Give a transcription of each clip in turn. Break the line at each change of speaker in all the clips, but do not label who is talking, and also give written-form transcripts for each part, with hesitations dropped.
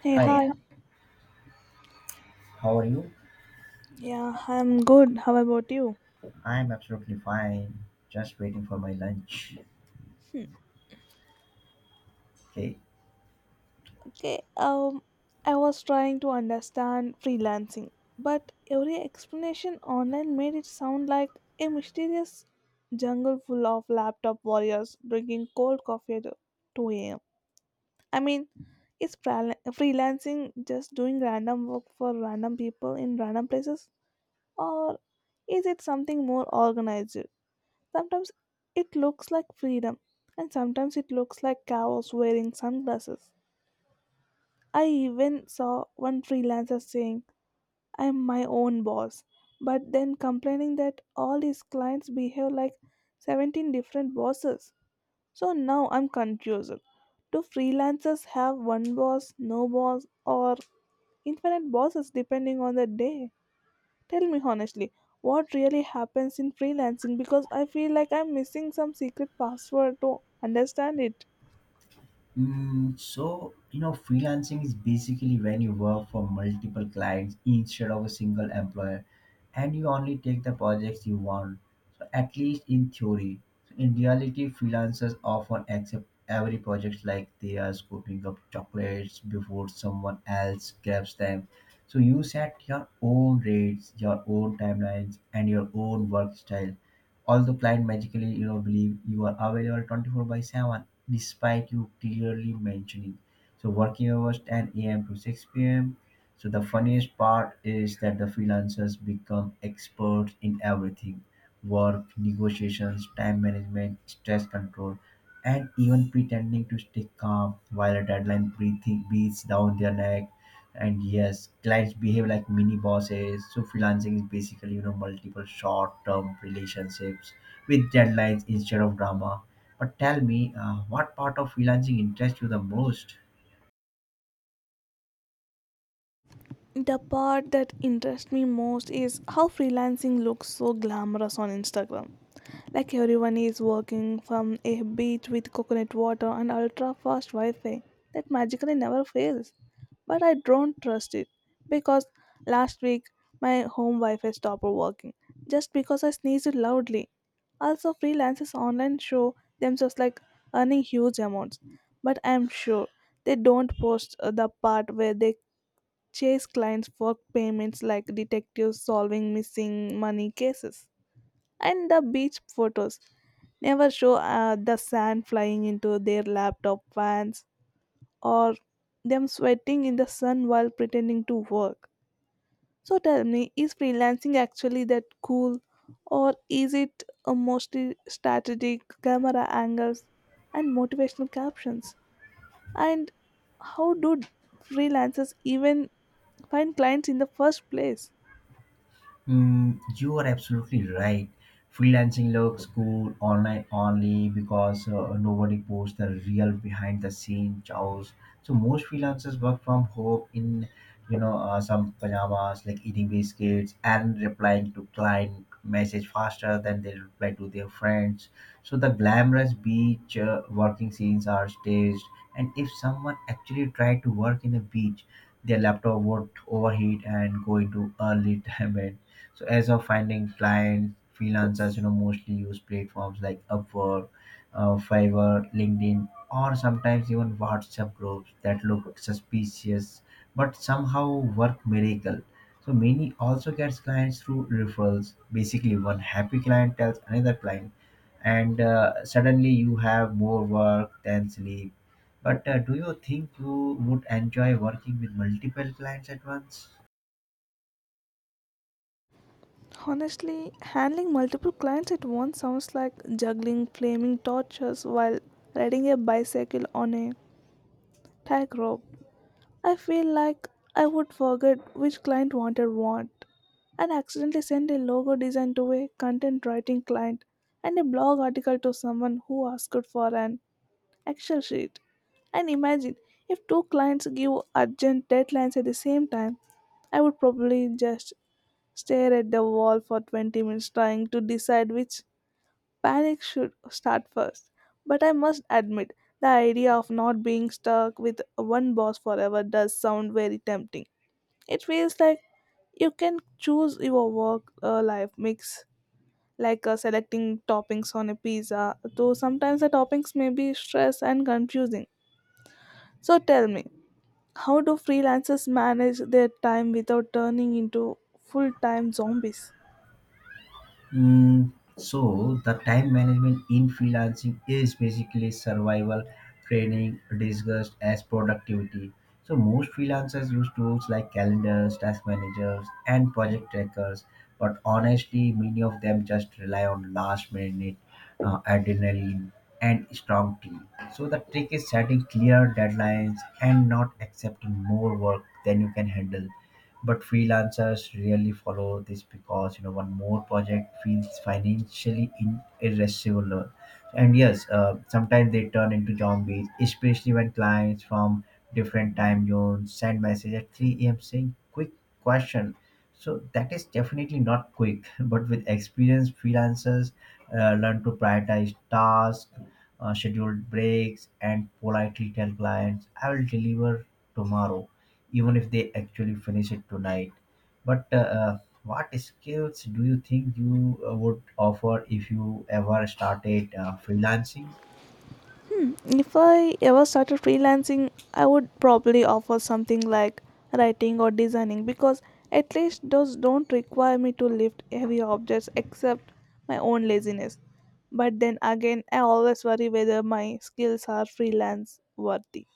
Hey, hi.
Hi, how are you?
Yeah, I'm good. How about you?
I'm absolutely fine. Just waiting for my lunch. Okay.
Okay, I was trying to understand freelancing, but every explanation online made it sound like a mysterious jungle full of laptop warriors drinking cold coffee at 2 a.m. I mean, is freelancing just doing random work for random people in random places, or is it something more organized? Sometimes it looks like freedom, and sometimes it looks like cows wearing sunglasses. I even saw one freelancer saying, I'm my own boss, but then complaining that all his clients behave like 17 different bosses. So now I'm confused. Do freelancers have one boss, no boss, or infinite bosses depending on the day? Tell me honestly, what really happens in freelancing because I feel like I'm missing some secret password to understand it.
Freelancing is basically when you work for multiple clients instead of a single employer and you only take the projects you want. So, at least in theory. So, in reality, freelancers often accept every project like they are scooping up chocolates before someone else grabs them. So, you set your own rates, your own timelines, and your own work style. Although client magically, believe you are available 24 by 7 despite you clearly mentioning. So working hours 10 a.m. to 6 p.m. So the funniest part is that the freelancers become experts in everything work, negotiations, time management, stress control, and even pretending to stay calm while a deadline breathing beats down their neck. And yes, clients behave like mini bosses. So freelancing is basically, multiple short-term relationships with deadlines instead of drama, but tell me, what part of freelancing interests you the most?
The part that interests me most is how freelancing looks so glamorous on Instagram. Like everyone is working from a beach with coconut water and ultra fast Wi Fi that magically never fails. But I don't trust it because last week my home Wi Fi stopped working just because I sneezed loudly. Also, freelancers online show themselves like earning huge amounts, but I'm sure they don't post the part where they chase clients for payments like detectives solving missing money cases. And the beach photos never show the sand flying into their laptop fans or them sweating in the sun while pretending to work. So tell me, is freelancing actually that cool or is it mostly strategic camera angles and motivational captions? And how do freelancers even find clients in the first place?
You are absolutely right. Freelancing looks cool online only because nobody posts the real behind the scene chows. So most freelancers work from home in, some pajamas, like eating biscuits and replying to client message faster than they reply to their friends. So the glamorous beach working scenes are staged, and if someone actually tried to work in a beach, their laptop would overheat and go into early time. So as of finding clients, freelancers, mostly use platforms like Upwork, Fiverr, LinkedIn, or sometimes even WhatsApp groups that look suspicious but somehow work miracle. So many also gets clients through referrals. Basically, one happy client tells another client, and suddenly you have more work than sleep. But do you think you would enjoy working with multiple clients at once?
Honestly, handling multiple clients at once sounds like juggling flaming torches while riding a bicycle on a tightrope. I feel like I would forget which client wanted what and accidentally send a logo design to a content writing client and a blog article to someone who asked for an Excel sheet. And imagine if two clients give urgent deadlines at the same time, I would probably just stare at the wall for 20 minutes trying to decide which panic should start first. But I must admit, the idea of not being stuck with one boss forever does sound very tempting. It feels like you can choose your work life mix, like selecting toppings on a pizza, though sometimes the toppings may be stress and confusing. So tell me, how do freelancers manage their time without turning into full time zombies?
Mm, so the time management in freelancing is basically survival training disguised as productivity. So most freelancers use tools like calendars, task managers, and project trackers. But honestly, many of them just rely on last minute adrenaline and strong team. So the trick is setting clear deadlines and not accepting more work than you can handle, but freelancers really follow this because one more project feels financially irresponsible. And yes, sometimes they turn into zombies, especially when clients from different time zones send message at 3 a.m. saying quick question, so that is definitely not quick. But with experience, freelancers learn to prioritize tasks, scheduled breaks, and politely tell clients I will deliver tomorrow even if they actually finish it tonight. But what skills do you think you would offer if you ever started freelancing?
If I ever started freelancing, I would probably offer something like writing or designing because at least those don't require me to lift heavy objects except my own laziness. But then again, I always worry whether my skills are freelance worthy.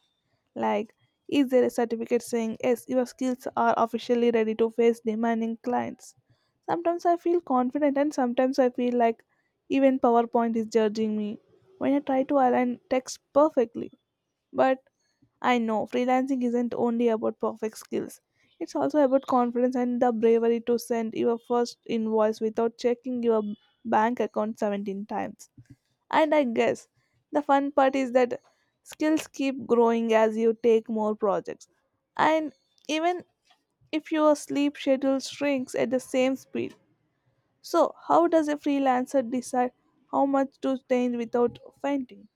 Like, is there a certificate saying, yes, your skills are officially ready to face demanding clients? Sometimes I feel confident and sometimes I feel like even PowerPoint is judging me when I try to align text perfectly. But I know freelancing isn't only about perfect skills. It's also about confidence and the bravery to send your first invoice without checking your bank account 17 times. And I guess the fun part is that skills keep growing as you take more projects. And even if your sleep schedule shrinks at the same speed, so, how does a freelancer decide how much to change without fainting?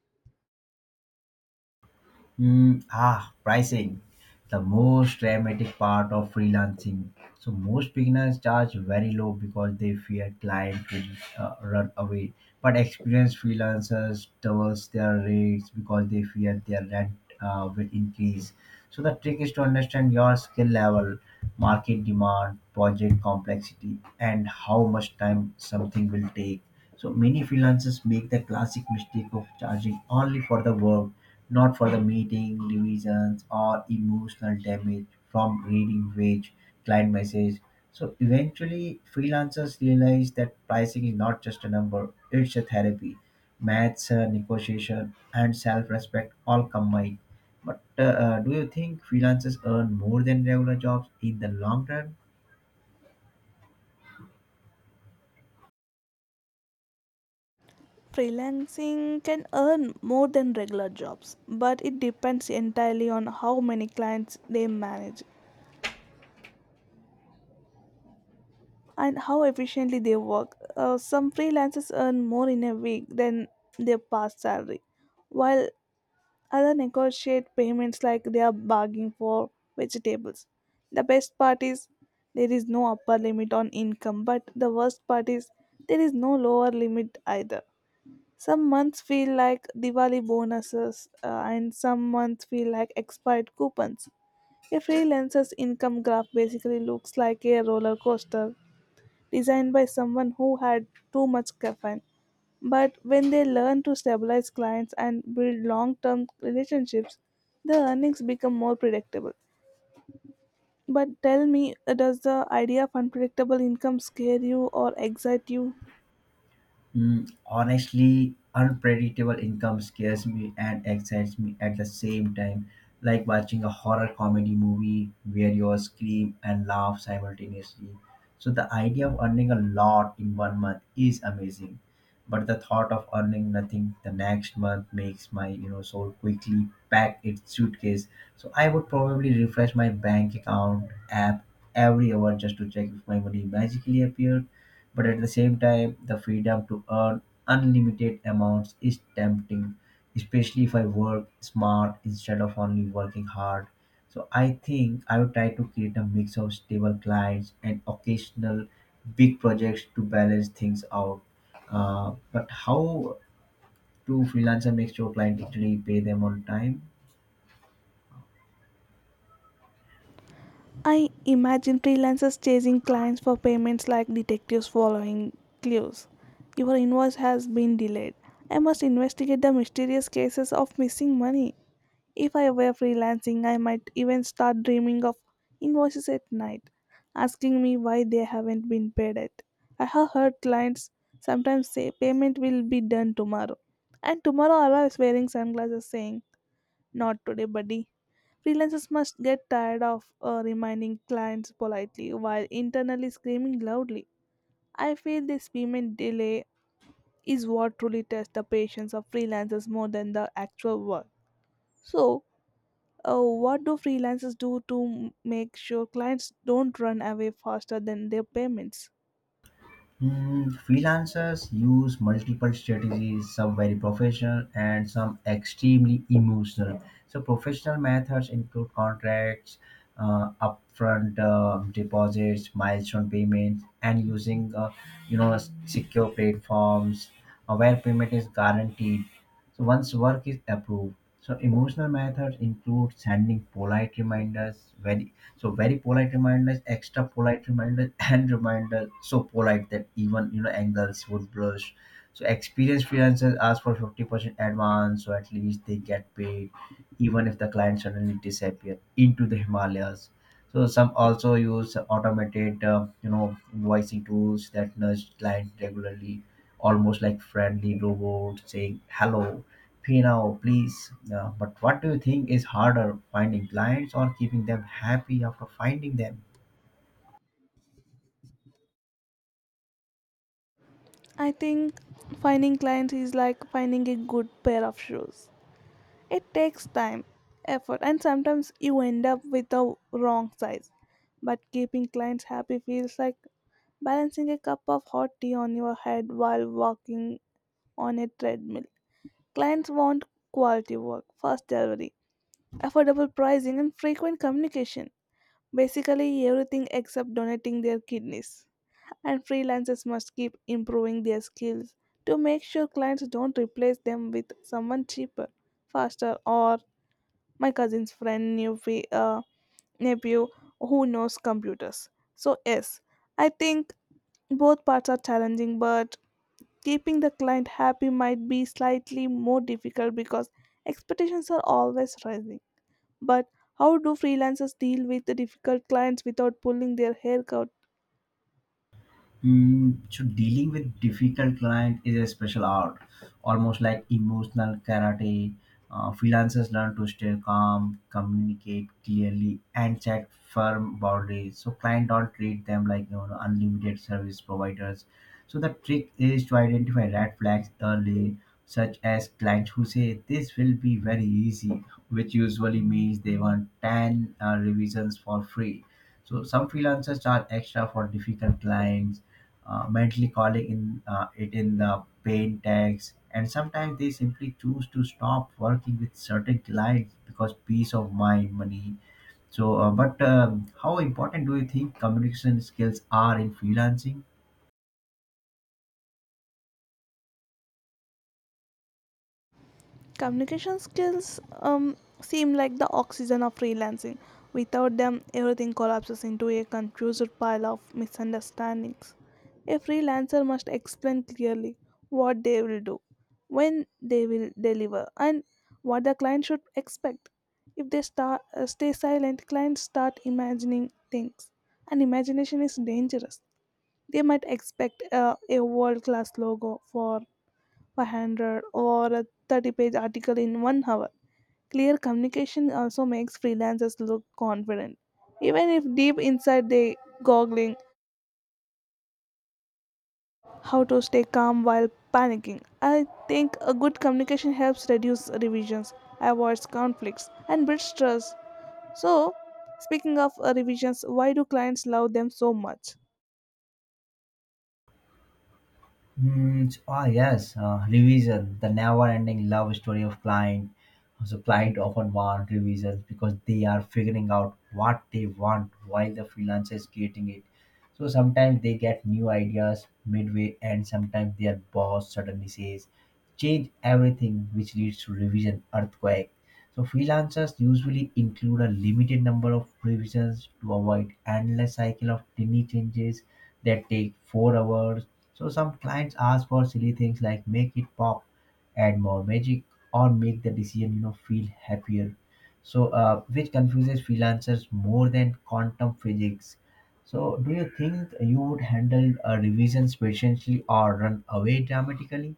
Pricing. The most dramatic part of freelancing. So, most beginners charge very low because they fear client will run away. But experienced freelancers doubles their rates because they fear their rent will increase. So, the trick is to understand your skill level, market demand, project complexity, and how much time something will take. So, many freelancers make the classic mistake of charging only for the work, not for the meeting, divisions, or emotional damage from reading wage, client message. So eventually, freelancers realize that pricing is not just a number, it's a therapy. Maths, negotiation, and self respect all combined. But do you think freelancers earn more than regular jobs in the long run?
Freelancing can earn more than regular jobs, but it depends entirely on how many clients they manage and how efficiently they work. Some freelancers earn more in a week than their past salary, while Other negotiate payments like they are bargaining for vegetables. The best part is there is no upper limit on income, but the worst part is there is no lower limit either. Some months feel like Diwali bonuses, and some months feel like expired coupons. A freelancer's income graph basically looks like a roller coaster designed by someone who had too much caffeine. But when they learn to stabilize clients and build long term relationships, the earnings become more predictable. But tell me, does the idea of unpredictable income scare you or excite you?
Honestly, unpredictable income scares me and excites me at the same time, like watching a horror comedy movie where you scream and laugh simultaneously. So, the idea of earning a lot in 1 month is amazing, but the thought of earning nothing the next month makes my soul quickly pack its suitcase. So, I would probably refresh my bank account app every hour just to check if my money magically appeared, but at the same time the freedom to earn unlimited amounts is tempting, especially if I work smart instead of only working hard. So I think I would try to create a mix of stable clients and occasional big projects to balance things out. But how do freelancer make sure client actually pay them on time?
I imagine freelancers chasing clients for payments like detectives following clues. Your invoice has been delayed. I must investigate the mysterious cases of missing money. If I were freelancing, I might even start dreaming of invoices at night, asking me why they haven't been paid yet. I have heard clients sometimes say payment will be done tomorrow, and tomorrow arrives wearing sunglasses saying, Not today, buddy. Freelancers must get tired of reminding clients politely while internally screaming loudly. I feel this payment delay is what truly tests the patience of freelancers more than the actual work. So, what do freelancers do to make sure clients don't run away faster than their payments?
Hmm. Freelancers use multiple strategies, some very professional and some extremely emotional. So, professional methods include contracts, upfront deposits, milestone payments, and using secure platforms where payment is guaranteed. So, once work is approved, so emotional methods include sending polite reminders, very, very polite reminders, extra polite reminders, and reminders so polite that even angels would blush. So experienced freelancers ask for 50% advance, so at least they get paid even if the client suddenly disappear into the Himalayas. So some also use automated, invoicing tools that nudge client regularly, almost like friendly robot saying hello, pay now, please. But what do you think is harder, finding clients or keeping them happy after finding them?
I think finding clients is like finding a good pair of shoes. It takes time, effort, and sometimes you end up with the wrong size. But keeping clients happy feels like balancing a cup of hot tea on your head while walking on a treadmill. Clients want quality work, fast delivery, affordable pricing, and frequent communication. Basically, everything except donating their kidneys. And freelancers must keep improving their skills to make sure clients don't replace them with someone cheaper, faster, or my cousin's friend, nephew who knows computers. So, yes, I think both parts are challenging, but keeping the client happy might be slightly more difficult because expectations are always rising. But how do freelancers deal with the difficult clients without pulling their hair out?
So dealing with difficult client is a special art, almost like emotional karate. Freelancers learn to stay calm, communicate clearly, and set firm boundaries. So client don't treat them like unlimited service providers. So the trick is to identify red flags early, such as clients who say this will be very easy, which usually means they want 10 revisions for free. So some freelancers charge extra for difficult clients, mentally calling in it in the pain tags, and sometimes they simply choose to stop working with certain clients because peace of mind, money. So, but how important do you think communication skills are in freelancing?
Communication skills seem like the oxygen of freelancing. Without them, everything collapses into a confused pile of misunderstandings. A freelancer must explain clearly what they will do, when they will deliver, and what the client should expect. If they stay silent, clients start imagining things, and imagination is dangerous. They might expect a world class logo for 500 or a 30-page article in 1 hour. Clear communication also makes freelancers look confident, even if deep inside they goggling how to stay calm while panicking. I think a good communication helps reduce revisions, avoids conflicts, and builds trust. So, speaking of revisions, why do clients love them so much?
Yes, revision, the never-ending love story of client. So client often want revisions because they are figuring out what they want while the freelancer is creating it. So sometimes they get new ideas midway, and sometimes their boss suddenly says, "Change everything," which leads to revision earthquake. So freelancers usually include a limited number of revisions to avoid endless cycle of tiny changes that take 4 hours. So some clients ask for silly things like make it pop, add more magic, or make the decision feel happier. So which confuses freelancers more than quantum physics. So do you think you would handle revisions patiently or run away dramatically?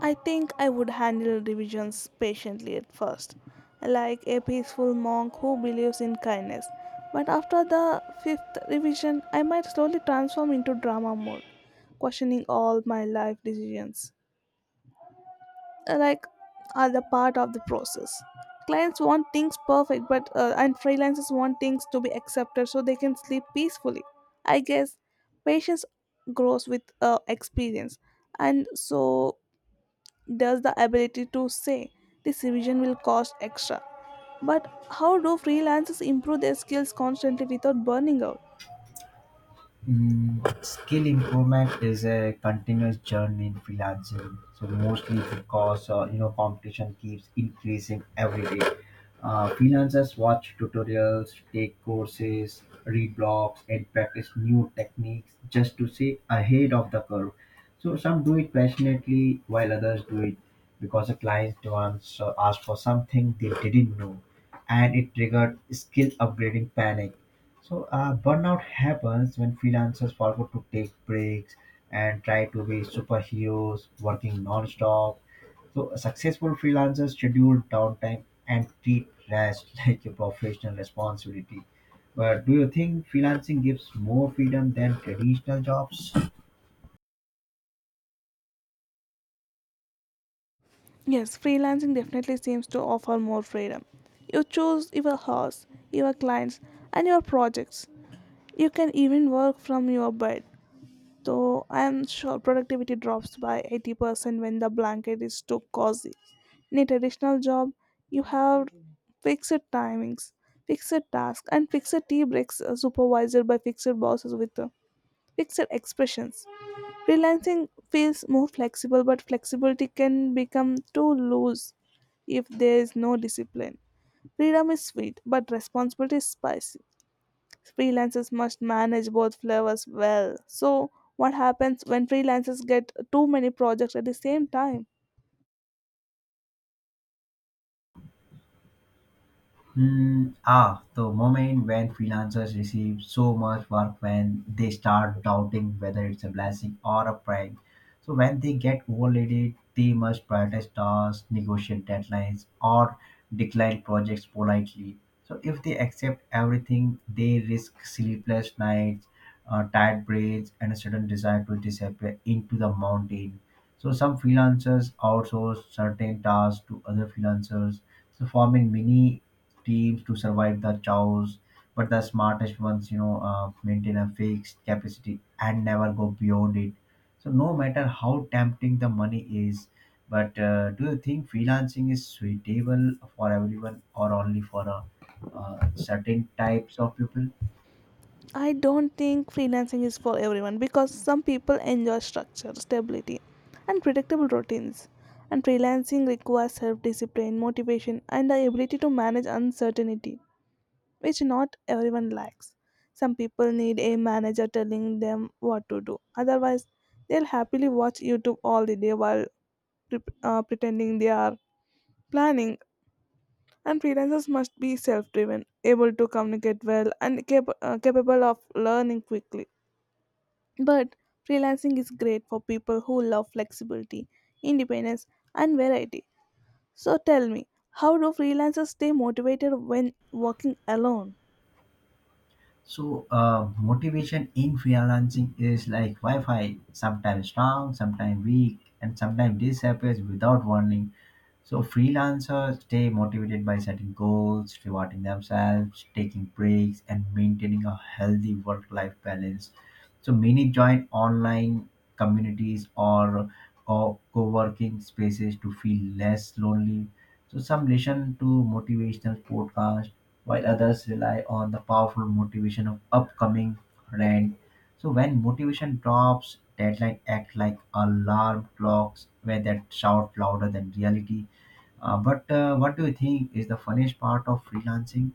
I think I would handle revisions patiently at first, like a peaceful monk who believes in kindness. But after the fifth revision, I might slowly transform into drama mode, questioning all my life decisions. Like, are the part of the process. Clients want things perfect, but and freelancers want things to be accepted so they can sleep peacefully. I guess patience grows with experience, and so does the ability to say this revision will cost extra. But how do freelancers improve their skills constantly without burning out?
Skill improvement is a continuous journey in freelancing. So mostly because competition keeps increasing every day. Freelancers watch tutorials, take courses, read blogs, and practice new techniques just to stay ahead of the curve. So some do it passionately, while others do it because a client once asked for something they didn't know, and it triggered skill upgrading panic. So burnout happens when freelancers forget to take breaks and try to be superheroes, working non-stop. So successful freelancers schedule downtime and treat rest like a professional responsibility. But do you think freelancing gives more freedom than traditional jobs?
Yes, freelancing definitely seems to offer more freedom. You choose your hours, your clients, and your projects. You can even work from your bed, so I am sure productivity drops by 80% when the blanket is too cozy. In a traditional job, you have fixed timings, fixed tasks, and fixed tea breaks supervised by fixed bosses with fixed expressions. Freelancing feels more flexible, but flexibility can become too loose if there is no discipline. Freedom is sweet, but responsibility is spicy. Freelancers must manage both flavors well. So, what happens when freelancers get too many projects at the same time?
The moment when freelancers receive so much work when they start doubting whether it's a blessing or a prank. So when they get overloaded, they must prioritize tasks, negotiate deadlines, or decline projects politely. So if they accept everything, they risk sleepless nights, tired brains, and a sudden desire to disappear into the mountain. So some freelancers outsource certain tasks to other freelancers, so forming mini teams to survive the chows, but the smartest ones maintain a fixed capacity and never go beyond it, so no matter how tempting the money is. But do you think freelancing is suitable for everyone or only for certain types of people?
I don't think freelancing is for everyone because some people enjoy structure, stability, and predictable routines. And freelancing requires self discipline, motivation, and the ability to manage uncertainty, which not everyone likes. Some people need a manager telling them what to do. Otherwise, they'll happily watch YouTube all the day while pretending they are planning. And freelancers must be self driven, able to communicate well, and capable of learning quickly. But freelancing is great for people who love flexibility, independence, and variety. So tell me, how do freelancers stay motivated when working alone?
So motivation in freelancing is like Wi-Fi, sometimes strong, sometimes weak, and sometimes disappears without warning. So, freelancers stay motivated by setting goals, rewarding themselves, taking breaks, and maintaining a healthy work-life balance. So many join online communities or co-working spaces to feel less lonely. So some listen to motivational podcasts while others rely on the powerful motivation of upcoming rent. So when motivation drops, deadline act like alarm clocks where that shout louder than reality. But What do you think is the funniest part of freelancing?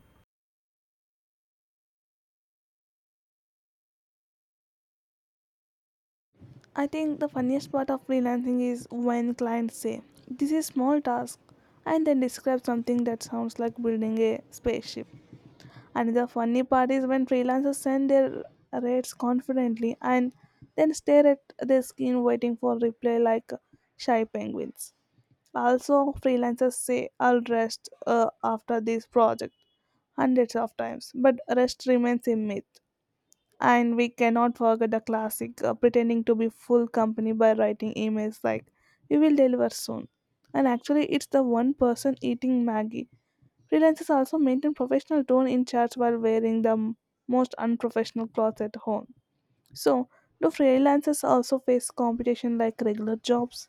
I think the funniest part of freelancing is when clients say, This is small task, and then describe something that sounds like building a spaceship. Another funny part is when freelancers send their rates confidently and then stare at their screen waiting for reply like shy penguins. Also, freelancers say, I'll rest after this project hundreds of times, but rest remains a myth. And we cannot forget the classic pretending to be full company by writing emails like, We will deliver soon. And actually, it's the one person eating Maggie. Freelancers also maintain professional tone in chats while wearing the most unprofessional clothes at home. So, do freelancers also face competition like regular jobs?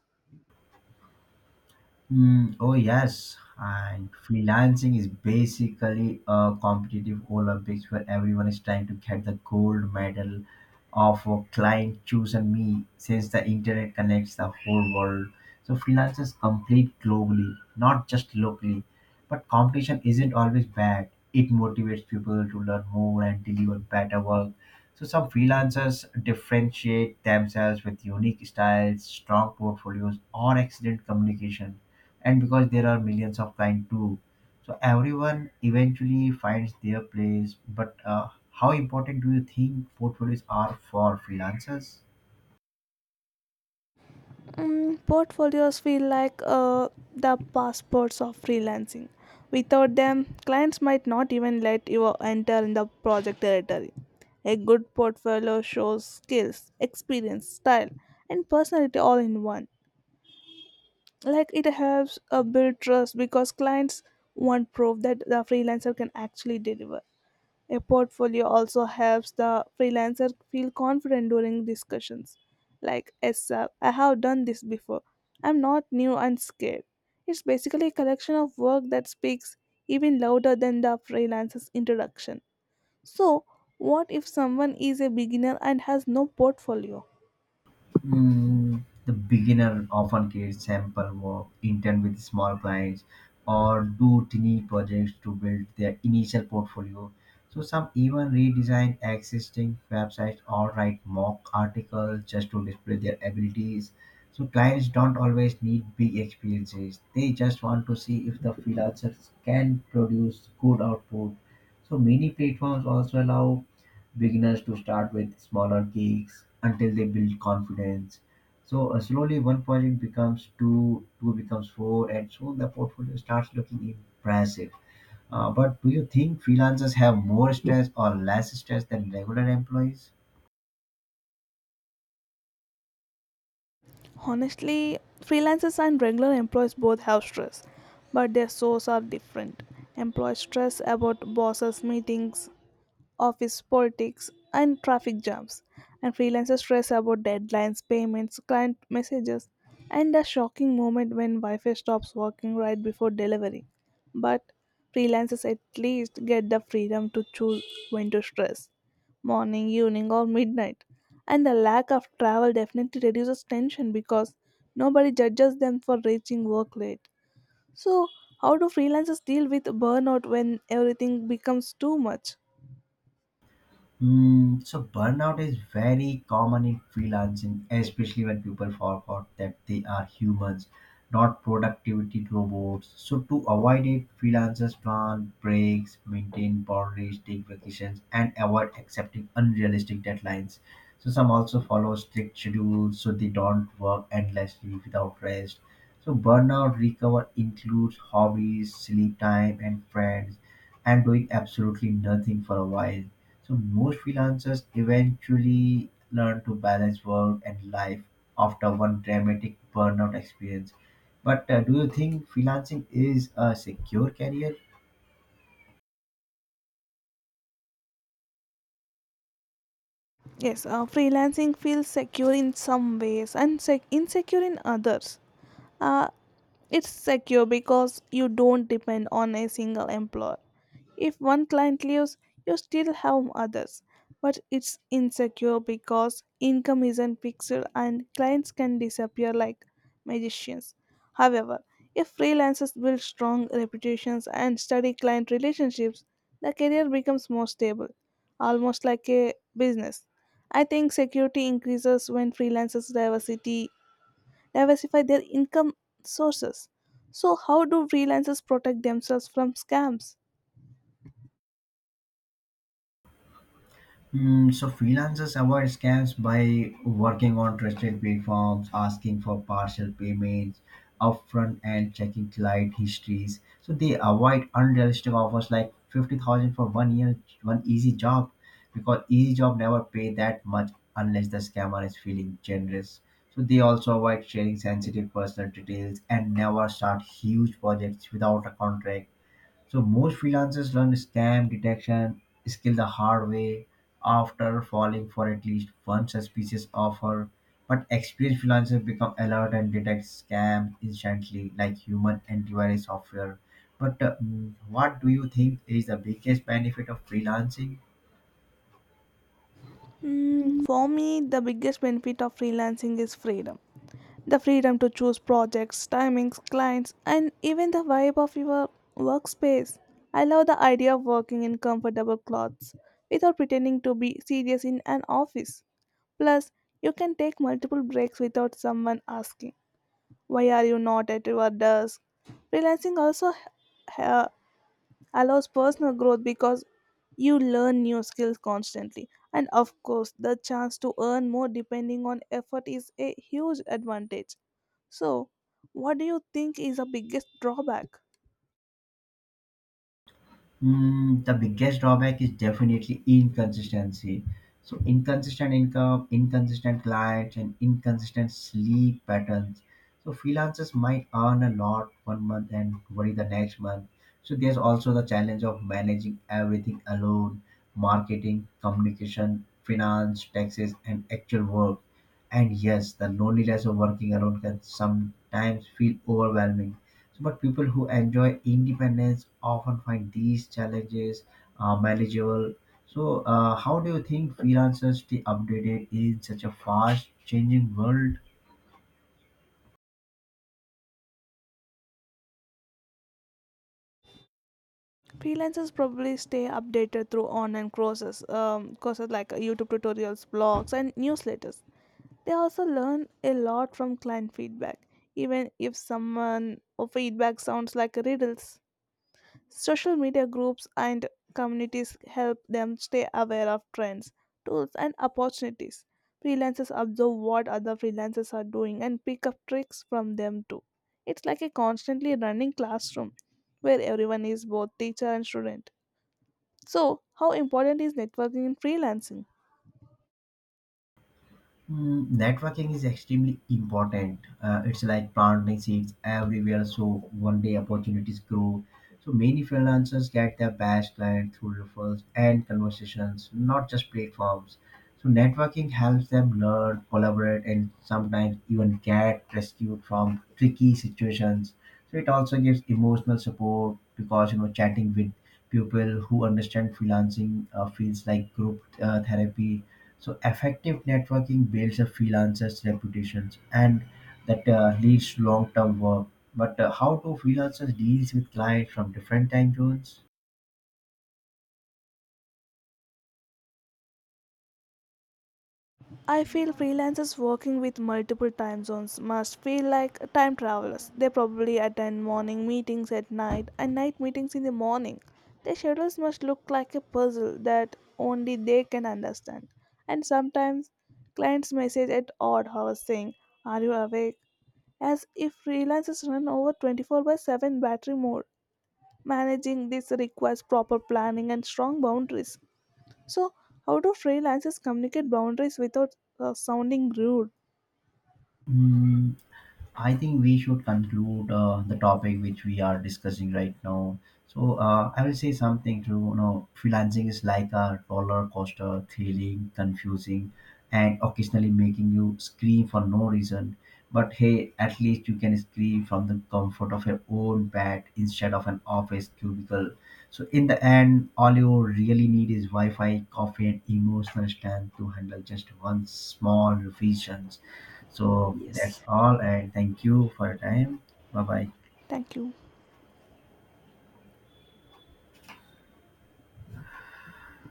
Oh yes, and freelancing is basically a competitive Olympics where everyone is trying to get the gold medal of a client chosen me since the internet connects the whole world. So freelancers compete globally, not just locally. But competition isn't always bad. It motivates people to learn more and deliver better work. So some freelancers differentiate themselves with unique styles, strong portfolios, or excellent communication. And because there are millions of kind too, so everyone eventually finds their place. But how important do you think portfolios are for freelancers?
Portfolios feel like the passports of freelancing. Without them, clients might not even let you enter in the project territory. A good portfolio shows skills, experience, style, and personality all in one. Like it helps build trust because clients want proof that the freelancer can actually deliver. A portfolio also helps the freelancer feel confident during discussions. Like, yes, sir, I have done this before. I'm not new and scared. It's basically a collection of work that speaks even louder than the freelancer's introduction. So, what if someone is a beginner and has no portfolio?
The beginner often creates sample work intern with small clients or do tiny projects to build their initial portfolio. So some even redesign existing websites or write mock articles just to display their abilities. So clients don't always need big experiences. They just want to see if the freelancers can produce good output. So many platforms also allow beginners to start with smaller gigs until they build confidence. So slowly one project becomes two, two becomes four, and soon the portfolio starts looking impressive. But do you think freelancers have more stress or less stress than regular employees?
Honestly, freelancers and regular employees both have stress, but their sources are different. Employees stress about bosses' meetings, office politics, and traffic jams. And freelancers stress about deadlines, payments, client messages, and a shocking moment when Wi Fi stops working right before delivery. But freelancers at least get the freedom to choose when to stress morning, evening, or midnight. And the lack of travel definitely reduces tension because nobody judges them for reaching work late. So, how do freelancers deal with burnout when everything becomes too much?
So burnout is very common in freelancing, especially when people forgot that they are humans, not productivity robots. So to avoid it, freelancers plan breaks, maintain boundaries, take vacations, and avoid accepting unrealistic deadlines. So some also follow strict schedules so they don't work endlessly without rest. So burnout recover includes hobbies, sleep time, and friends, and doing absolutely nothing for a while. So most freelancers eventually learn to balance work and life after one dramatic burnout experience. But do you think freelancing is a secure career?
Yes, freelancing feels secure in some ways and insecure in others. Uh, it's secure because you don't depend on a single employer. If one client leaves, you still have others. But it's insecure because income isn't fixed and clients can disappear like magicians. However, if freelancers build strong reputations and study client relationships, the career becomes more stable, almost like a business. I think security increases when freelancers' diversity diversify their income sources. So, how do freelancers protect themselves from scams?
So freelancers avoid scams by working on trusted platforms, asking for partial payments upfront, and checking client histories. So they avoid unrealistic offers like 50,000 for 1 year, one easy job, because easy job never pay that much unless the scammer is feeling generous. So they also avoid sharing sensitive personal details and never start huge projects without a contract, so most freelancers learn scam detection skill the hard way after falling for at least one suspicious offer. But experienced freelancers become alert and detect scams instantly, like human antivirus software. What do you think is the biggest benefit of freelancing?
For me, the biggest benefit of freelancing is freedom. The freedom to choose projects, timings, clients, and even the vibe of your workspace. I love the idea of working in comfortable clothes without pretending to be serious in an office. Plus, you can take multiple breaks without someone asking, Why are you not at your desk? Freelancing also ha- allows personal growth because you learn new skills constantly, and of course the chance to earn more depending on effort is a huge advantage. So what do you think is the biggest drawback?
The biggest drawback is definitely inconsistency. So inconsistent income, inconsistent clients, and inconsistent sleep patterns. So freelancers might earn a lot one month and worry the next month. So there's also the challenge of managing everything alone: marketing, communication, finance, taxes, and actual work. And yes, the loneliness of working alone can sometimes feel overwhelming. But people who enjoy independence often find these challenges manageable. So how do you think freelancers stay updated in such a fast changing world?
Freelancers probably stay updated through online courses like youtube tutorials, blogs, and newsletters. They also learn a lot from client feedback, even if someone or feedback sounds like riddles. Social media groups and communities help them stay aware of trends, tools, and opportunities. Freelancers observe what other freelancers are doing and pick up tricks from them too. It's like a constantly running classroom where everyone is both teacher and student. So, how important is networking in freelancing?
Networking is extremely important. It's like planting seeds everywhere, so one day opportunities grow. So many freelancers get their best client through referrals and conversations, not just platforms. So networking helps them learn, collaborate, and sometimes even get rescued from tricky situations. So it also gives emotional support because you know chatting with people who understand freelancing feels like group therapy, so effective networking builds a freelancer's reputations and that leads to long-term work. But how do freelancers deals with clients from different time zones?
I feel freelancers working with multiple time zones must feel like time travelers. They probably attend morning meetings at night and night meetings in the morning. Their schedules must look like a puzzle that only they can understand. And sometimes clients message at odd hours saying, Are you awake? As if freelancers run over 24 by 7 battery mode. Managing this requires proper planning and strong boundaries. So, how do freelancers communicate boundaries without sounding rude?
I think we should conclude the topic which we are discussing right now. So I will say something to you know freelancing is like a roller coaster, thrilling, confusing, and occasionally making you scream for no reason. But hey, at least you can scream from the comfort of your own bed instead of an office cubicle. So in the end, all you really need is Wi-Fi, coffee, and emotional strength to handle just one small revision. So that's
Yes.
all, and thank you for your time. Bye bye.
Thank you.